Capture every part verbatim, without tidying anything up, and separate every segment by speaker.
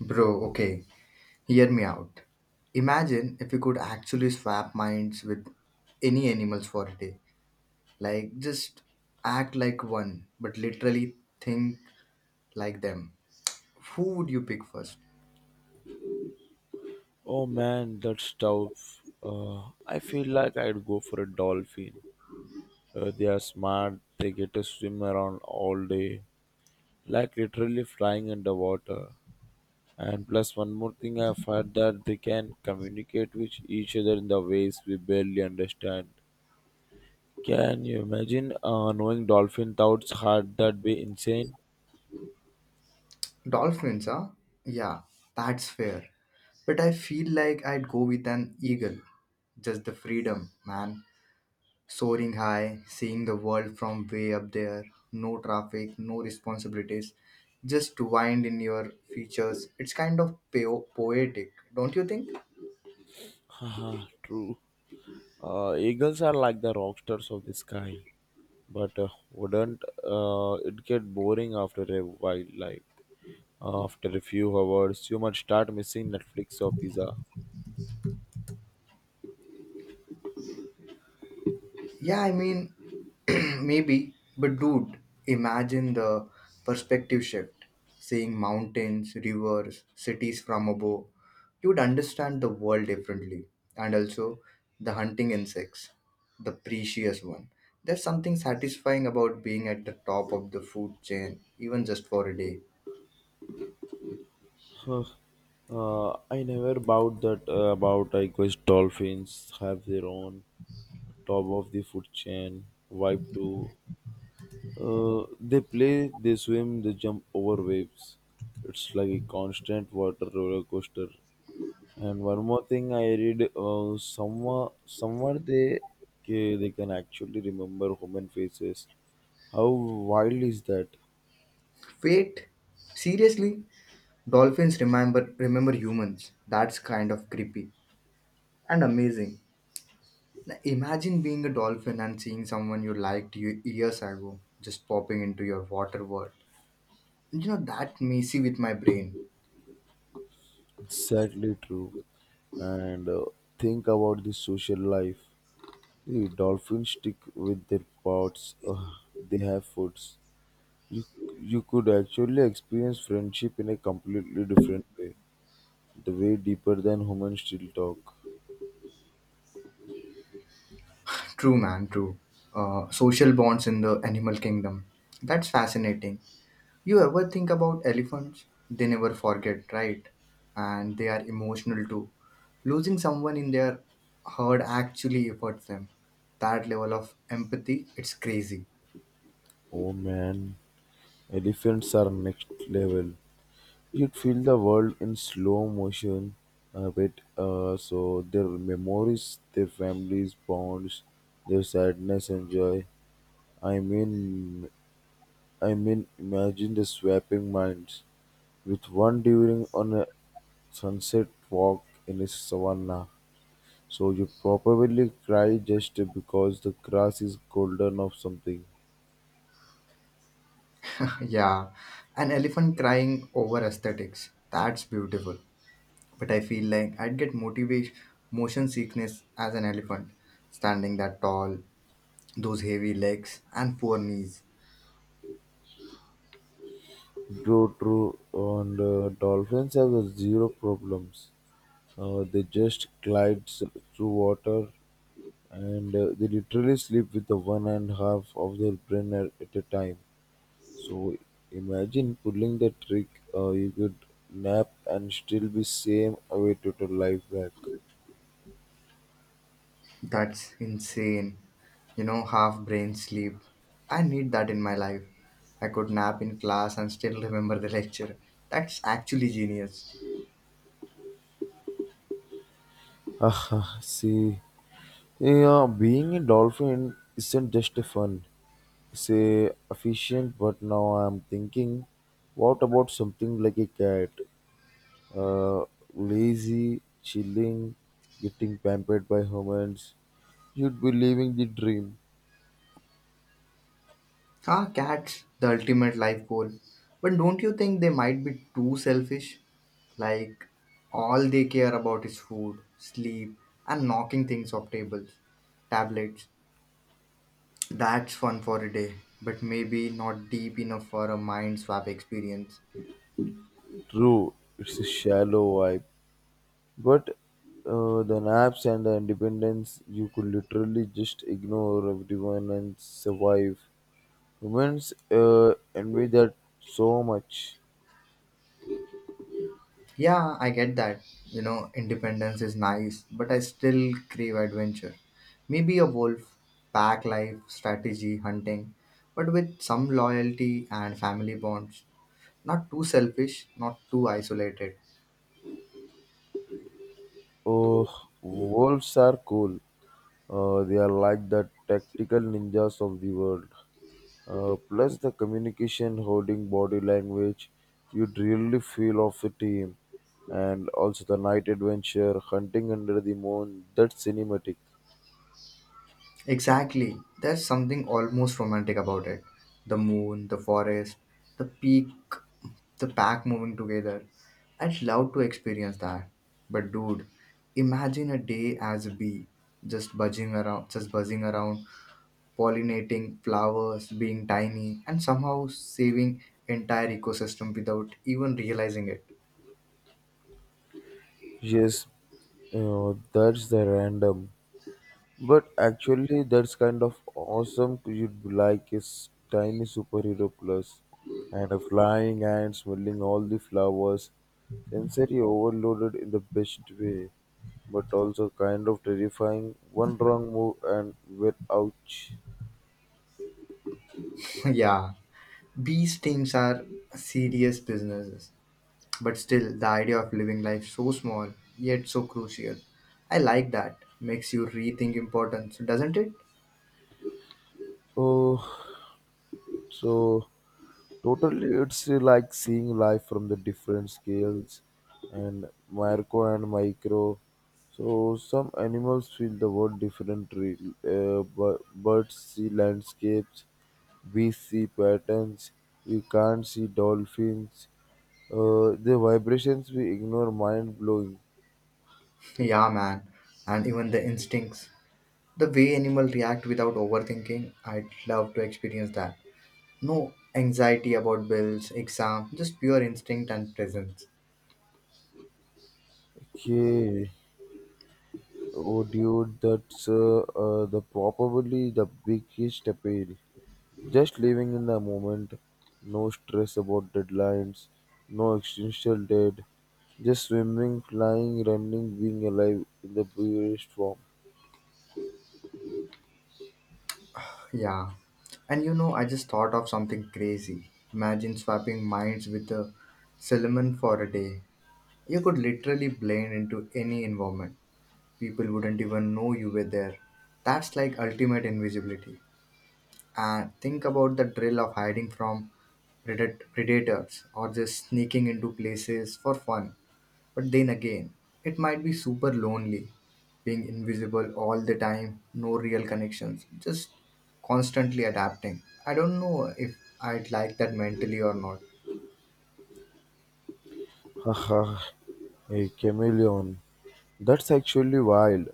Speaker 1: Bro, okay, hear me out. Imagine if we could actually swap minds with any animals for a day. Like, just act like one, but literally think like them. Who would you pick first?
Speaker 2: Oh man, that's tough. Uh, I feel like I'd go for a dolphin. Uh, they are smart, they get to swim around all day, like literally flying underwater. And plus, one more thing I've heard that they can communicate with each other in the ways we barely understand. Can you imagine uh, knowing dolphin thoughts? Hard, that'd be insane.
Speaker 1: Dolphins, huh? Yeah, that's fair. But I feel like I'd go with an eagle. Just the freedom, man. Soaring high, seeing the world from way up there, no traffic, no responsibilities, just wind in your features. It's kind of po- poetic, don't you think?
Speaker 2: Haha, true. Uh, eagles are like the rock stars of the sky. But uh, wouldn't uh, it get boring after a while? Like after a few hours, you might start missing Netflix or pizza.
Speaker 1: Yeah, I mean, maybe. But dude, imagine the perspective shift. Seeing mountains, rivers, cities from above, you would understand the world differently. And also, the hunting insects, the precious one. There's something satisfying about being at the top of the food chain, even just for a day.
Speaker 2: Huh, uh, I never bought that uh, about I guess dolphins have their own top of the food chain vibe too. Uh, they play, they swim, they jump over waves. It's like a constant water roller coaster. And one more thing I read, uh, somewhere, somewhere they ca- they can actually remember human faces. How wild is that?
Speaker 1: Wait, seriously? Dolphins remember remember humans. That's kind of creepy and amazing. Imagine being a dolphin and seeing someone you liked y- years ago just popping into your water world. You know, that messy with my brain.
Speaker 2: Exactly true. And uh, think about the social life. See, dolphins stick with their pods. Ugh, they have foods. You you could actually experience friendship in a completely different way. The way deeper than humans still talk.
Speaker 1: True, man, true. Uh, social bonds in the animal kingdom. That's fascinating. You ever think about elephants? They never forget, right? And they are emotional too. Losing someone in their herd actually hurts them. That level of empathy, it's crazy.
Speaker 2: Oh man, elephants are next level. You'd feel the world in slow motion a bit. Uh, so their memories, their families, bonds, their sadness and joy. I mean, I mean, imagine the swapping minds with one during on a sunset walk in a savanna. So you probably cry just because the grass is golden or something.
Speaker 1: Yeah, an elephant crying over aesthetics. That's beautiful. But I feel like I'd get motivation motion sickness as an elephant, standing that tall, those heavy legs and poor knees.
Speaker 2: True, true. And uh, dolphins have uh, zero problems. Uh, they just glide s- through water and uh, they literally sleep with the one and half of their brain at, at a time. So imagine pulling the trick, uh, you could nap and still be same awake to your life back.
Speaker 1: That's insane. You know, half brain sleep. I need that in my life. I could nap in class and still remember the lecture. That's actually genius.
Speaker 2: Haha, see, yeah, being a dolphin isn't just a fun. It's a efficient, but now I'm thinking, what about something like a cat? uh, lazy, chilling, getting pampered by humans. You'd be living the dream.
Speaker 1: Ah, cats, the ultimate life goal. But don't you think they might be too selfish? Like, all they care about is food, sleep, and knocking things off tables, tablets. That's fun for a day, but maybe not deep enough for a mind swap experience.
Speaker 2: True, it's a shallow vibe, but uh, the naps and the independence, you could literally just ignore everyone and survive. Humans uh, envy that so much.
Speaker 1: Yeah, I get that. You know, independence is nice, but I still crave adventure. Maybe a wolf, pack life, strategy, hunting, but with some loyalty and family bonds. Not too selfish, not too isolated.
Speaker 2: Oh, wolves are cool. Uh, they are like the tactical ninjas of the world. Uh, plus the communication, holding body language, you'd really feel of the team, and also the night adventure, hunting under the moon. That's cinematic.
Speaker 1: Exactly. There's something almost romantic about it. The moon, the forest, the peak, the pack moving together. I'd love to experience that. But dude, imagine a day as a bee, just buzzing around, just buzzing around, pollinating flowers, being tiny, and somehow saving entire ecosystem without even realizing it.
Speaker 2: Yes, uh, that's the random. But actually, that's kind of awesome. You'd be like a s- tiny superhero plus, and a flying and smelling all the flowers. Sensory overloaded in the best way, but also kind of terrifying. One wrong move and well, ouch.
Speaker 1: Yeah, bee stings are serious businesses. But still, the idea of living life so small, yet so crucial. I like that. Makes you rethink importance, doesn't it?
Speaker 2: Oh, so totally, it's uh, like seeing life from the different scales and macro and micro. So some animals feel the world different. Re- Uh, bu- birds see landscapes, bees see patterns. We can't see dolphins. Uh, the vibrations we ignore mind blowing.
Speaker 1: Yeah, man. And even the instincts. The way animals react without overthinking, I'd love to experience that. No anxiety about bills, exam, just pure instinct and presence.
Speaker 2: Okay, oh dude, that's uh, uh, the probably the biggest appeal. Just living in the moment, no stress about deadlines, no existential dread, just swimming, flying, running, being alive in the purest form.
Speaker 1: Yeah. And you know, I just thought of something crazy. Imagine swapping minds with a Solomon for a day. You could literally blend into any environment. People wouldn't even know you were there. That's like ultimate invisibility. And think about the drill of hiding from predat- predators or just sneaking into places for fun. But then again, it might be super lonely being invisible all the time, no real connections, just constantly adapting. I don't know if I'd like that mentally or not.
Speaker 2: Haha, a chameleon. That's actually wild.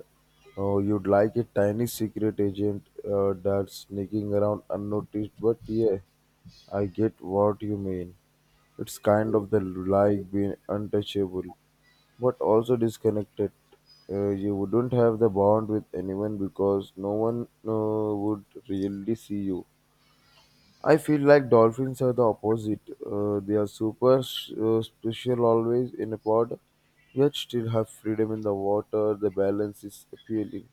Speaker 2: Oh, you'd like a tiny secret agent uh, that's sneaking around unnoticed, but yeah, I get what you mean. It's kind of the like being untouchable, but also disconnected. Uh, you wouldn't have the bond with anyone because no one uh, would really see you. I feel like dolphins are the opposite. Uh, they are super s- uh, special always in a pod, yet still have freedom in the water. The balance is appealing.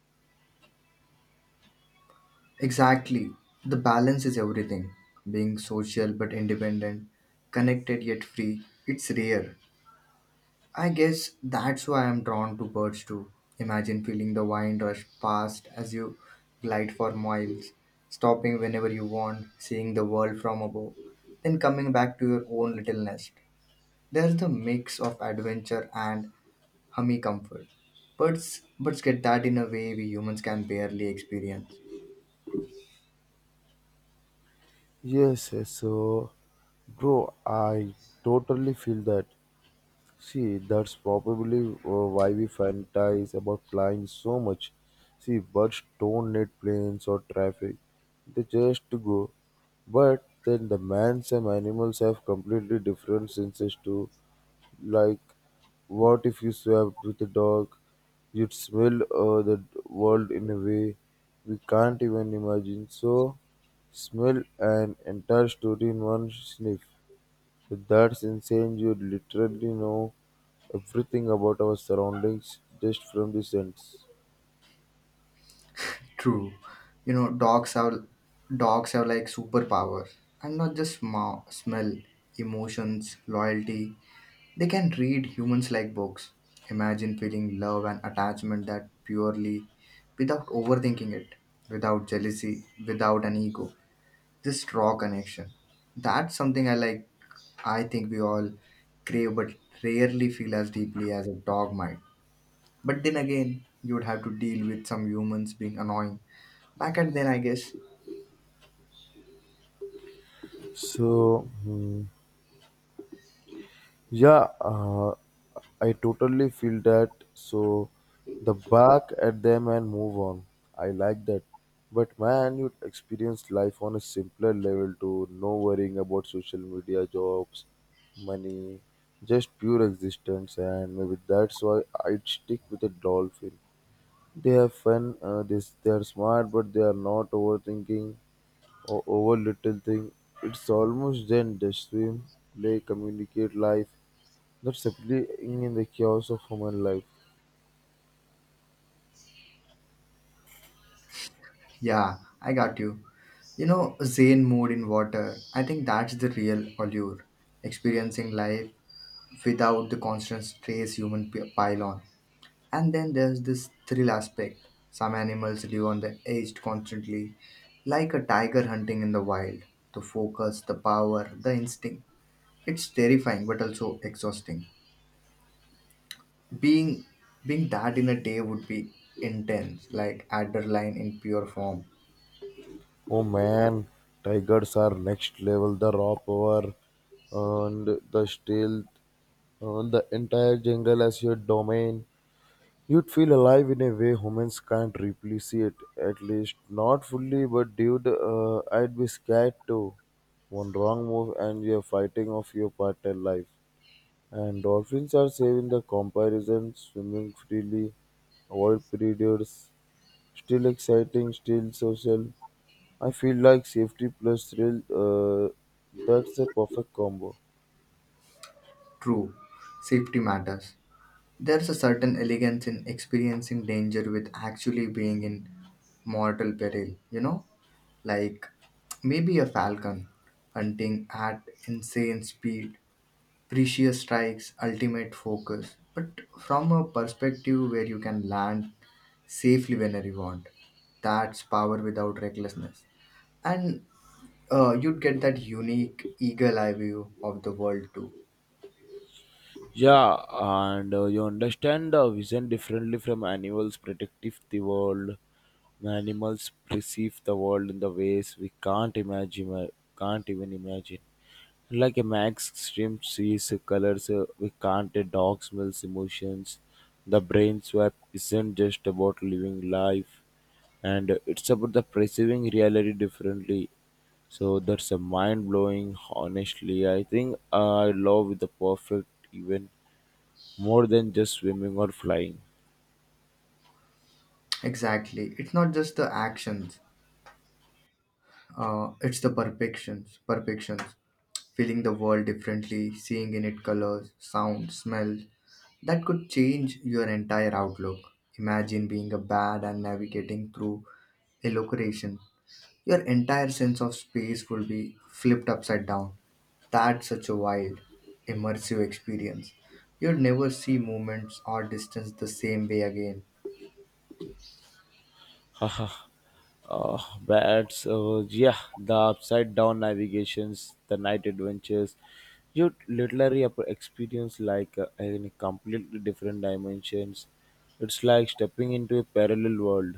Speaker 1: Exactly. The balance is everything. Being social but independent, connected yet free, it's rare. I guess that's why I'm drawn to birds too. Imagine feeling the wind rush past as you glide for miles, stopping whenever you want, seeing the world from above, then coming back to your own little nest. There's the mix of adventure and hummy comfort. Birds, birds get that in a way we humans can barely experience.
Speaker 2: Yes, yes. So, bro, I totally feel that. See, that's probably uh, why we fantasize about flying so much. See, birds don't need planes or traffic, they just go. But then the man some animals have completely different senses too. Like, what if you swapped with a dog? You'd smell uh, the world in a way we can't even imagine. So, smell an entire story in one sniff. So that's insane. You literally know everything about our surroundings just from the sense.
Speaker 1: True, you know, dogs have dogs have like superpowers, and not just sma- smell, emotions, loyalty. They can read humans like books. Imagine feeling love and attachment that purely without overthinking it, without jealousy, without an ego. Just raw connection. That's something I like. I think we all crave but rarely feel as deeply as a dog might. But then again, you would have to deal with some humans being annoying. Back at then, I guess.
Speaker 2: So, hmm, yeah, uh, I totally feel that. So, the back at them and move on. I like that. But man, you'd experience life on a simpler level too. No worrying about social media, jobs, money, just pure existence. And maybe that's why I'd stick with a dolphin. They have fun. Uh, they s- they are smart, but they are not overthinking or over little thing. It's almost then they swim, play, communicate life. That's separating in the chaos of human life.
Speaker 1: Yeah, I got you. You know, Zen mode in water. I think that's the real allure. Experiencing life without the constant stress human p- pile on. And then there's this thrill aspect. Some animals live on the edge constantly, like a tiger hunting in the wild. The focus, the power, the instinct. It's terrifying but also exhausting. Being being that in a day would be intense, like adrenaline in pure form.
Speaker 2: Oh man, tigers are next level. The raw power and the stealth, uh, the entire jungle as your domain. You'd feel alive in a way humans can't replicate, at least not fully, but dude, uh, I'd be scared too. One wrong move and you're fighting off your partner life. And dolphins are saving the comparison, swimming freely, avoid predators, still exciting, still social. I feel like safety plus thrill, uh, that's a perfect combo.
Speaker 1: True, safety matters. There's a certain elegance in experiencing danger with actually being in mortal peril, you know? Like maybe a falcon hunting at insane speed, precious strikes, ultimate focus, but from a perspective where you can land safely whenever you want. That's power without recklessness. And uh, you'd get that unique eagle eye view of the world too.
Speaker 2: Yeah, and uh, you understand the vision differently from animals protective the world. Animals perceive the world in the ways we can't imagine, uh, can't even imagine. Like a max stream sees colors, uh, we can't. A dog smells emotions. The brain swap isn't just about living life, and it's about the perceiving reality differently. So that's a mind blowing, honestly. I think I love the perfect even more than just swimming or flying.
Speaker 1: Exactly. It's not just the actions, uh, it's the perfections, perfections. Feeling the world differently, seeing in it colors, sound, smell. That could change your entire outlook. Imagine being a bat and navigating through a location. Your entire sense of space will be flipped upside down. That's such a wild, immersive experience. You'll never see moments or distance the same way again.
Speaker 2: Haha, uh, but so yeah, the upside down navigations, the night adventures, you literally ap- experience like uh, in a completely different dimensions. It's like stepping into a parallel world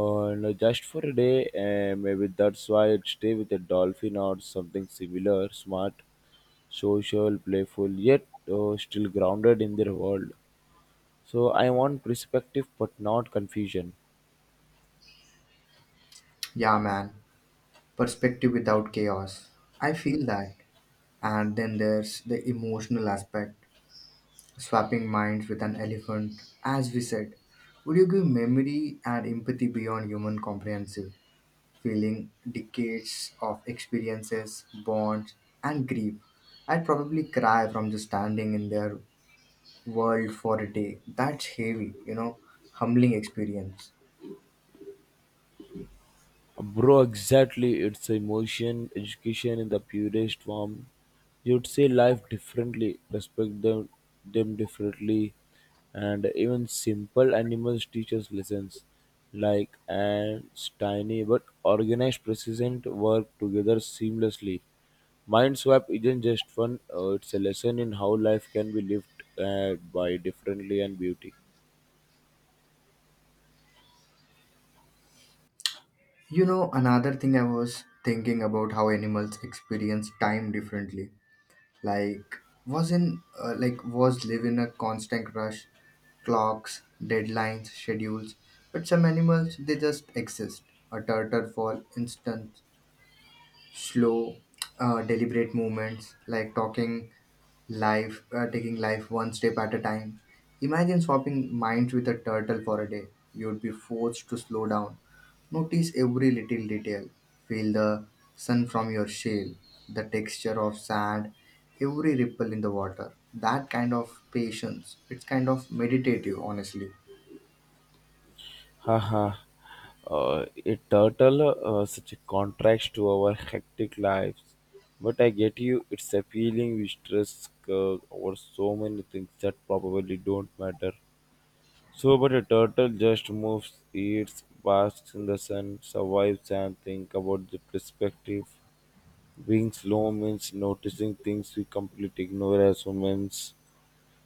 Speaker 2: and just for a day. And maybe that's why I'd stay with a dolphin or something similar smart, social, playful, yet uh, still grounded in their world. So I want perspective but not confusion.
Speaker 1: Yeah, man. Perspective without chaos. I feel that. And then there's the emotional aspect. Swapping minds with an elephant, as we said, would you give memory and empathy beyond human comprehensive, feeling decades of experiences, bonds, and grief? I'd probably cry from just standing in their world for a day. That's heavy, you know, humbling experience.
Speaker 2: Bro, exactly. It's emotion, education in the purest form. You'd see life differently, respect them, them differently, and even simple animals teach us lessons. Like ants, tiny but organized, persistent work together seamlessly. Mind swap isn't just fun; uh, it's a lesson in how life can be lived uh, by differently and beauty.
Speaker 1: You know, another thing I was thinking about how animals experience time differently, like was in uh, like was live in a constant rush, clocks, deadlines, schedules, but some animals they just exist. A turtle for instance, slow, uh, deliberate movements, like talking life, uh, taking life one step at a time. Imagine swapping minds with a turtle for a day. You'd be forced to slow down, notice every little detail, feel the sun from your shell, the texture of sand, every ripple in the water. That kind of patience. It's kind of meditative, honestly.
Speaker 2: Haha, uh, a turtle, uh, such a contrast to our hectic lives. But I get you, it's appealing. We stress uh, over so many things that probably don't matter. So, but a turtle just moves, eats, basks in the sun, survives, and think about the perspective. Being slow means noticing things we completely ignore as humans.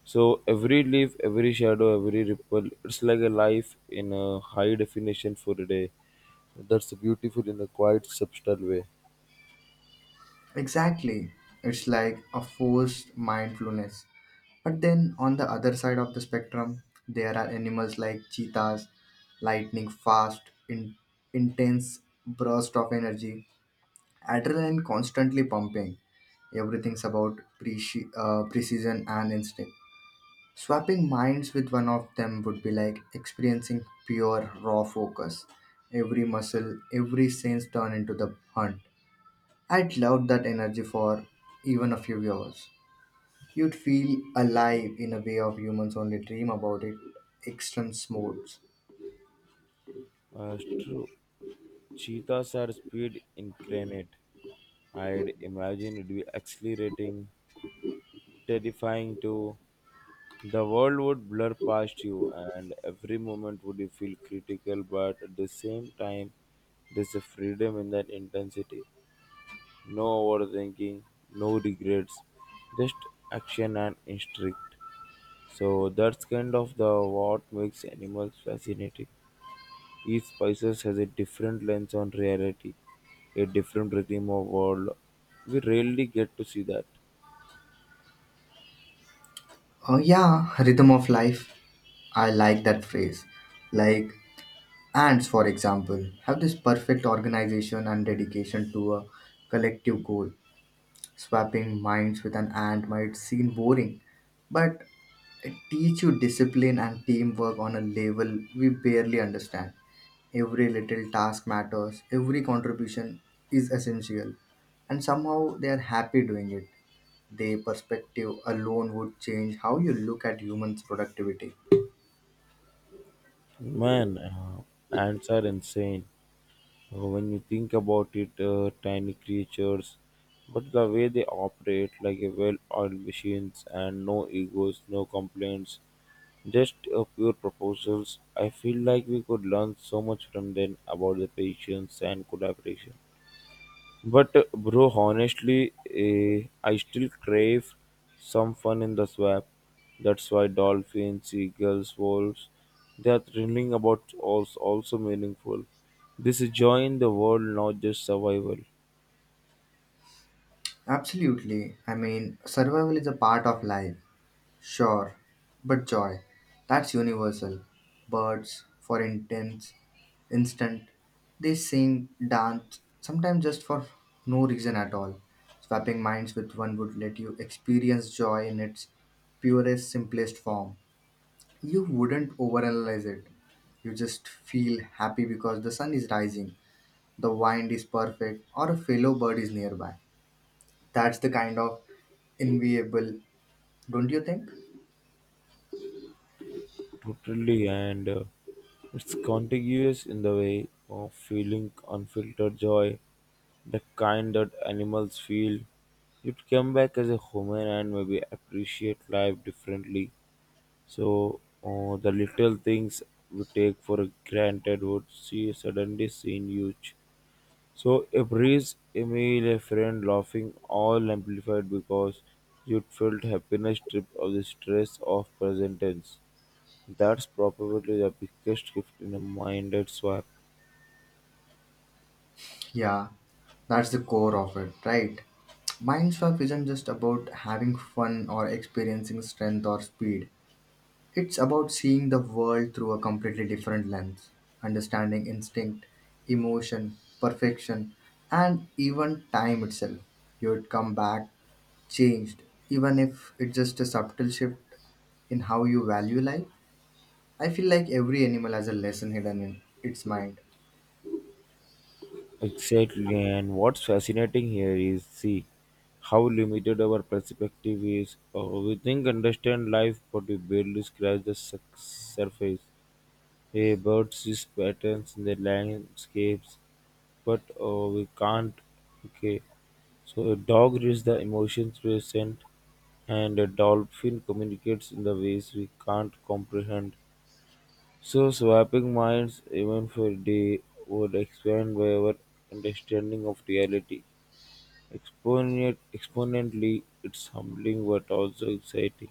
Speaker 2: So every leaf, every shadow, every ripple, it's like a life in a high definition for a day. That's beautiful in a quite subtle way.
Speaker 1: Exactly. It's like a forced mindfulness. But then on the other side of the spectrum, there are animals like cheetahs, lightning fast, in, intense burst of energy, adrenaline constantly pumping. Everything's about preci- uh, precision and instinct. Swapping minds with one of them would be like experiencing pure raw focus. Every muscle, every sense turned into the hunt. I'd love that energy for even a few hours. You'd feel alive in a way of humans only dream about it. Extreme sports.
Speaker 2: Uh, it's true. Cheetahs are speed incarnate. I'd imagine it'd be accelerating, terrifying too. The world would blur past you, and every moment would you feel critical, but at the same time, there's a freedom in that intensity. No overthinking, no regrets, just action and instinct. So that's kind of the what makes animals fascinating. Each species has a different lens on reality, a different rhythm of world. We rarely get to see that.
Speaker 1: Oh yeah, rhythm of life. I like that phrase. Like ants, for example, have this perfect organization and dedication to a collective goal. Swapping minds with an ant might seem boring, but teach you discipline and teamwork on a level we barely understand. Every little task matters, every contribution is essential, and somehow they are happy doing it. Their perspective alone would change how you look at humans' productivity.
Speaker 2: Man, uh, ants are insane. Uh, When you think about it, uh, tiny creatures, but the way they operate like a well-oiled machines and no egos, no complaints, just uh, pure proposals. I feel like we could learn so much from them about the patience and collaboration. But uh, bro, honestly, eh, I still crave some fun in the swamp. That's why dolphins, seagulls, wolves, they are thrilling about also, also meaningful. This is joy in the world, not just survival.
Speaker 1: Absolutely. I mean, survival is a part of life. Sure, but joy, that's universal. Birds, for intense, instant, they sing, dance, sometimes just for no reason at all. Swapping minds with one would let you experience joy in its purest, simplest form. You wouldn't overanalyze it. You just feel happy because the sun is rising, the wind is perfect, or a fellow bird is nearby. That's the kind of enviable, don't you think?
Speaker 2: Totally, and uh, it's contagious in the way of feeling unfiltered joy, the kind that animals feel. You'd come back as a human and maybe appreciate life differently. So uh, the little things we take for granted would see suddenly seem huge. So a breeze, a meal, a friend laughing, all amplified because you felt happiness stripped of the stress of present tense. That's probably the biggest gift in a minded swap.
Speaker 1: Yeah, that's the core of it, right? Mindswap isn't just about having fun or experiencing strength or speed. It's about seeing the world through a completely different lens, understanding instinct, emotion, perfection, and even time itself. You'd come back changed, even if it's just a subtle shift in how you value life. I feel like every animal has a lesson hidden in its mind.
Speaker 2: Exactly, and what's fascinating here is see how limited our perspective is. Uh, we think understand life, but we barely scratch the suc- surface. A bird sees patterns in the landscapes, but uh, we can't. Okay, so a dog reads the emotions present, and a dolphin communicates in the ways we can't comprehend. So, swapping minds, even for a day, would expand our understanding of reality. Exponent, exponentially, it's humbling but also exciting.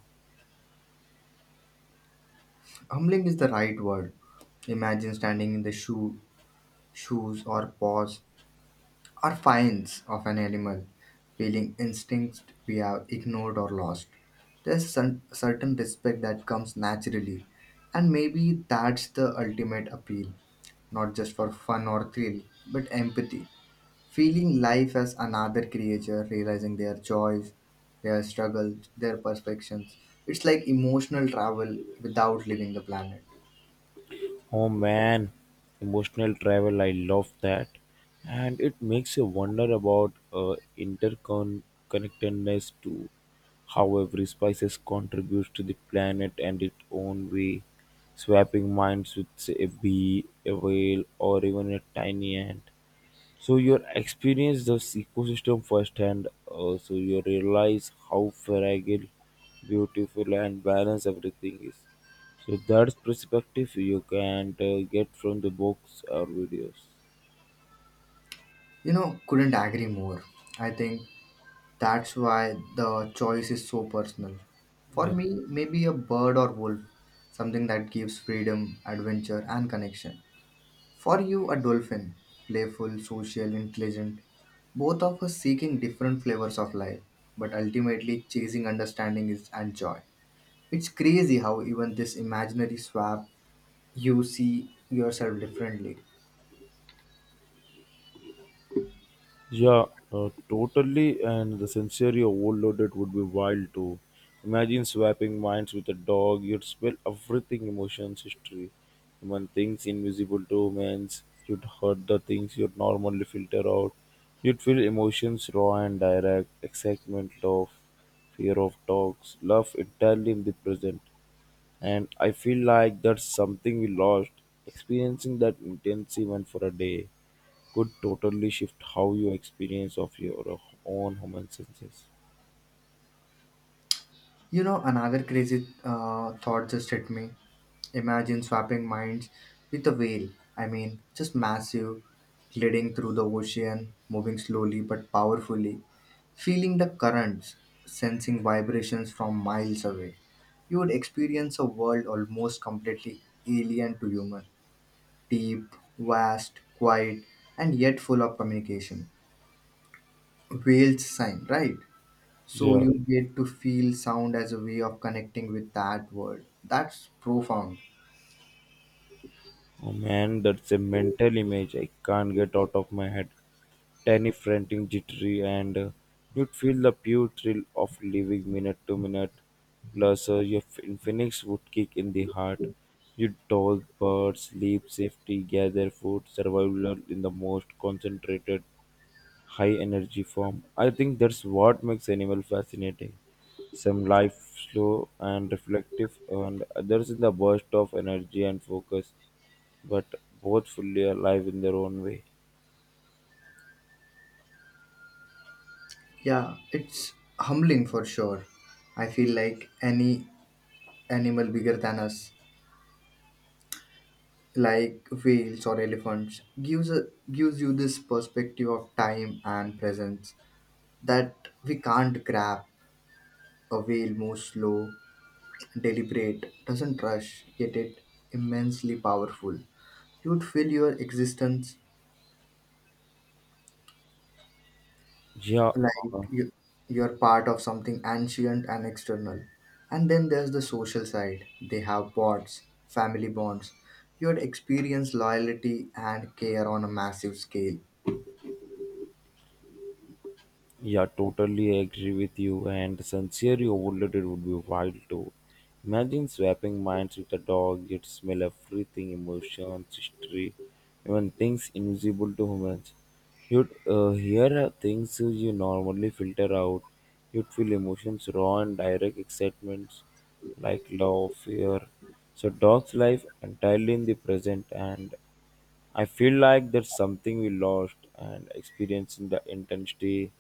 Speaker 1: Humbling is the right word. Imagine standing in the shoe, shoes or paws or fines of an animal, feeling instincts we have ignored or lost. There's cer- certain respect that comes naturally, and maybe that's the ultimate appeal, not just for fun or thrill, but empathy. Feeling life as another creature, realizing their joys, their struggles, their perfections. It's like emotional travel without leaving the planet.
Speaker 2: Oh man, emotional travel, I love that. And it makes you wonder about uh, interconnectedness too. How every species contributes to the planet and its own way, swapping minds with say, a bee, a whale, or even a tiny ant. So you experience this ecosystem firsthand. Uh, so you realize how fragile, beautiful, and balanced everything is. So that's perspective you can't uh, get from the books or videos.
Speaker 1: You know, couldn't agree more. I think that's why the choice is so personal. For
Speaker 2: Yeah.
Speaker 1: me, maybe a bird or wolf, something that gives freedom, adventure, and connection. For you, a dolphin, playful, social, intelligent, both of us seeking different flavors of life, but ultimately chasing understanding is, and joy. It's crazy how even this imaginary swap you see yourself differently.
Speaker 2: Yeah, uh, totally. And the sensory overloaded would be wild too. Imagine swapping minds with a dog. You'd spill everything emotions, history, human things invisible to humans. You'd hurt the things you'd normally filter out. You'd feel emotions raw and direct, excitement, love, fear of dogs, love entirely in the present. And I feel like that's something we lost, experiencing that intense even for a day could totally shift how you experience of your own human senses.
Speaker 1: You know, another crazy uh, thought just hit me. Imagine swapping minds with a whale. I mean, just massive, gliding through the ocean, moving slowly but powerfully, feeling the currents, sensing vibrations from miles away. You would experience a world almost completely alien to human, deep, vast, quiet, and yet full of communication. Whale's sign, right? So
Speaker 2: Yeah.
Speaker 1: you get to feel sound as a way of connecting with that world. That's profound.
Speaker 2: Oh man, that's a mental image I can't get out of my head. Tiny, frantic, jittery, and uh, you'd feel the pure thrill of living minute to minute. Plus, uh, your f- phoenix would kick in the heart. You'd toll birds, sleep, safety, gather food, survival in the most concentrated high energy form. I think that's what makes animal fascinating. Some life slow and reflective, and others in the burst of energy and focus, but both fully alive in their own way.
Speaker 1: Yeah, it's humbling for sure. I feel like any animal bigger than us, like whales or elephants, gives a, gives you this perspective of time and presence that we can't grab. A whale moves slow, deliberate, doesn't rush, yet it immensely powerful. You'd feel your existence
Speaker 2: Yeah,
Speaker 1: like
Speaker 2: uh,
Speaker 1: you, you're part of something ancient and external. And then there's the social side. They have bonds, family bonds. You'd experience loyalty and care on a massive scale.
Speaker 2: Yeah, totally agree with you. And sincerely overloaded would be wild too. Imagine swapping minds with a dog, it would smell everything emotions, history, even things invisible to humans. You'd uh, hear uh, things you normally filter out. You'd feel emotions raw and direct excitements like love, fear. So, dog's life entirely in the present and I feel like there's something we lost, and experiencing the intensity,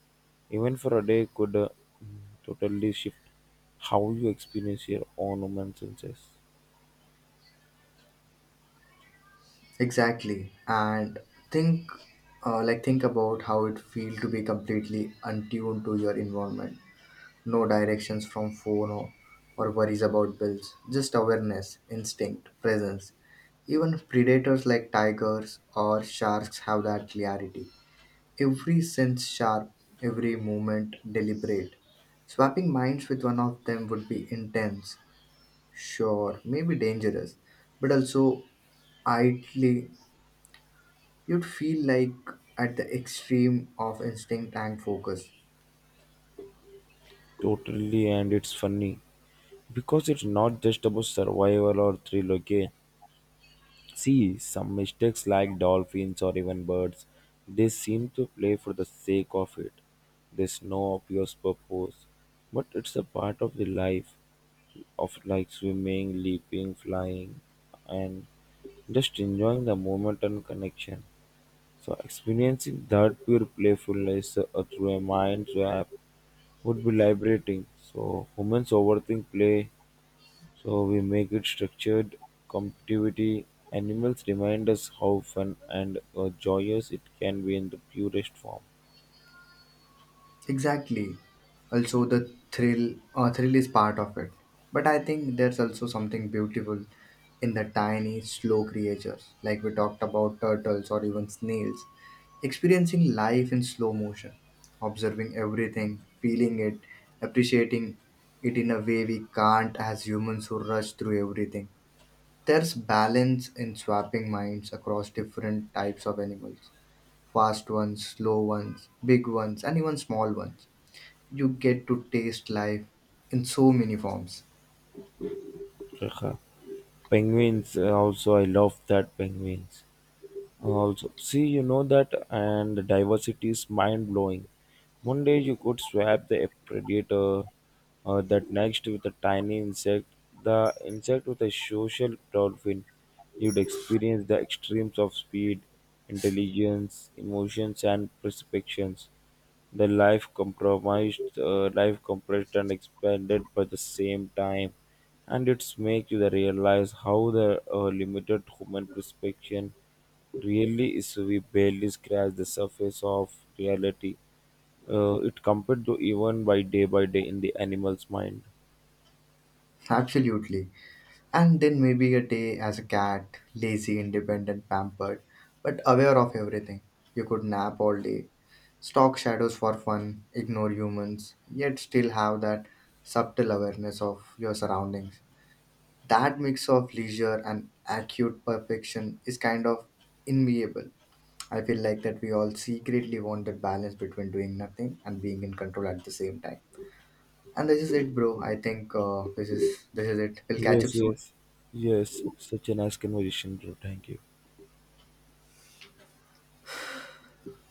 Speaker 2: even for a day, could uh, totally shift how you experience your own human senses.
Speaker 1: Exactly. And think, uh, like think about how it feels to be completely untuned to your environment. No directions from phone or, or worries about bills, just awareness, instinct, presence. Even predators like tigers or sharks have that clarity. Every sense sharp, every movement deliberate. Swapping minds with one of them would be intense, sure, maybe dangerous, but also idly, you'd feel like at the extreme of instinct and focus.
Speaker 2: Totally, and it's funny because it's not just about survival or thrill, okay? See, some mistakes like dolphins or even birds, they seem to play for the sake of it. There's no obvious purpose, but it's a part of the life of like swimming, leaping, flying, and just enjoying the moment and connection. So, experiencing that pure playfulness uh, through a mind swap would be liberating. So, humans overthink play so we make it structured captivity. Animals remind us how fun and uh, joyous it can be in the purest form.
Speaker 1: Exactly. Also, the thrill, uh, thrill is part of it. But I think there's also something beautiful in the tiny, slow creatures, like we talked about turtles or even snails. Experiencing life in slow motion, observing everything, feeling it, appreciating it in a way we can't as humans who rush through everything. There's balance in swapping minds across different types of animals, fast ones, slow ones, big ones, and even small ones. You get to taste life in so many forms.
Speaker 2: Haha. Penguins uh, also I love that penguins. Also, see, you know that, and the diversity is mind blowing. One day you could swap the predator, uh, that next with a tiny insect, the insect with a social dolphin. You'd experience the extremes of speed, intelligence, emotions, and perceptions. The life compromised, uh, life compressed and expanded by the same time, and it's make you the realize how the uh, limited human perception really is. We barely scratch the surface of reality. Uh, it compared to even by day by day in the animal's mind.
Speaker 1: Absolutely. And then maybe a day as a cat, lazy, independent, pampered, but aware of everything. You could nap all day, stalk shadows for fun, ignore humans, yet still have that subtle awareness of your surroundings. That mix of leisure and acute perfection is kind of enviable. I feel like that we all secretly want that balance between doing nothing and being in control at the same time. And this is it, bro. I think uh, this is this is it. We'll catch
Speaker 2: Yes,
Speaker 1: up soon.
Speaker 2: yes, yes. Such a nice conversation, bro. Thank you.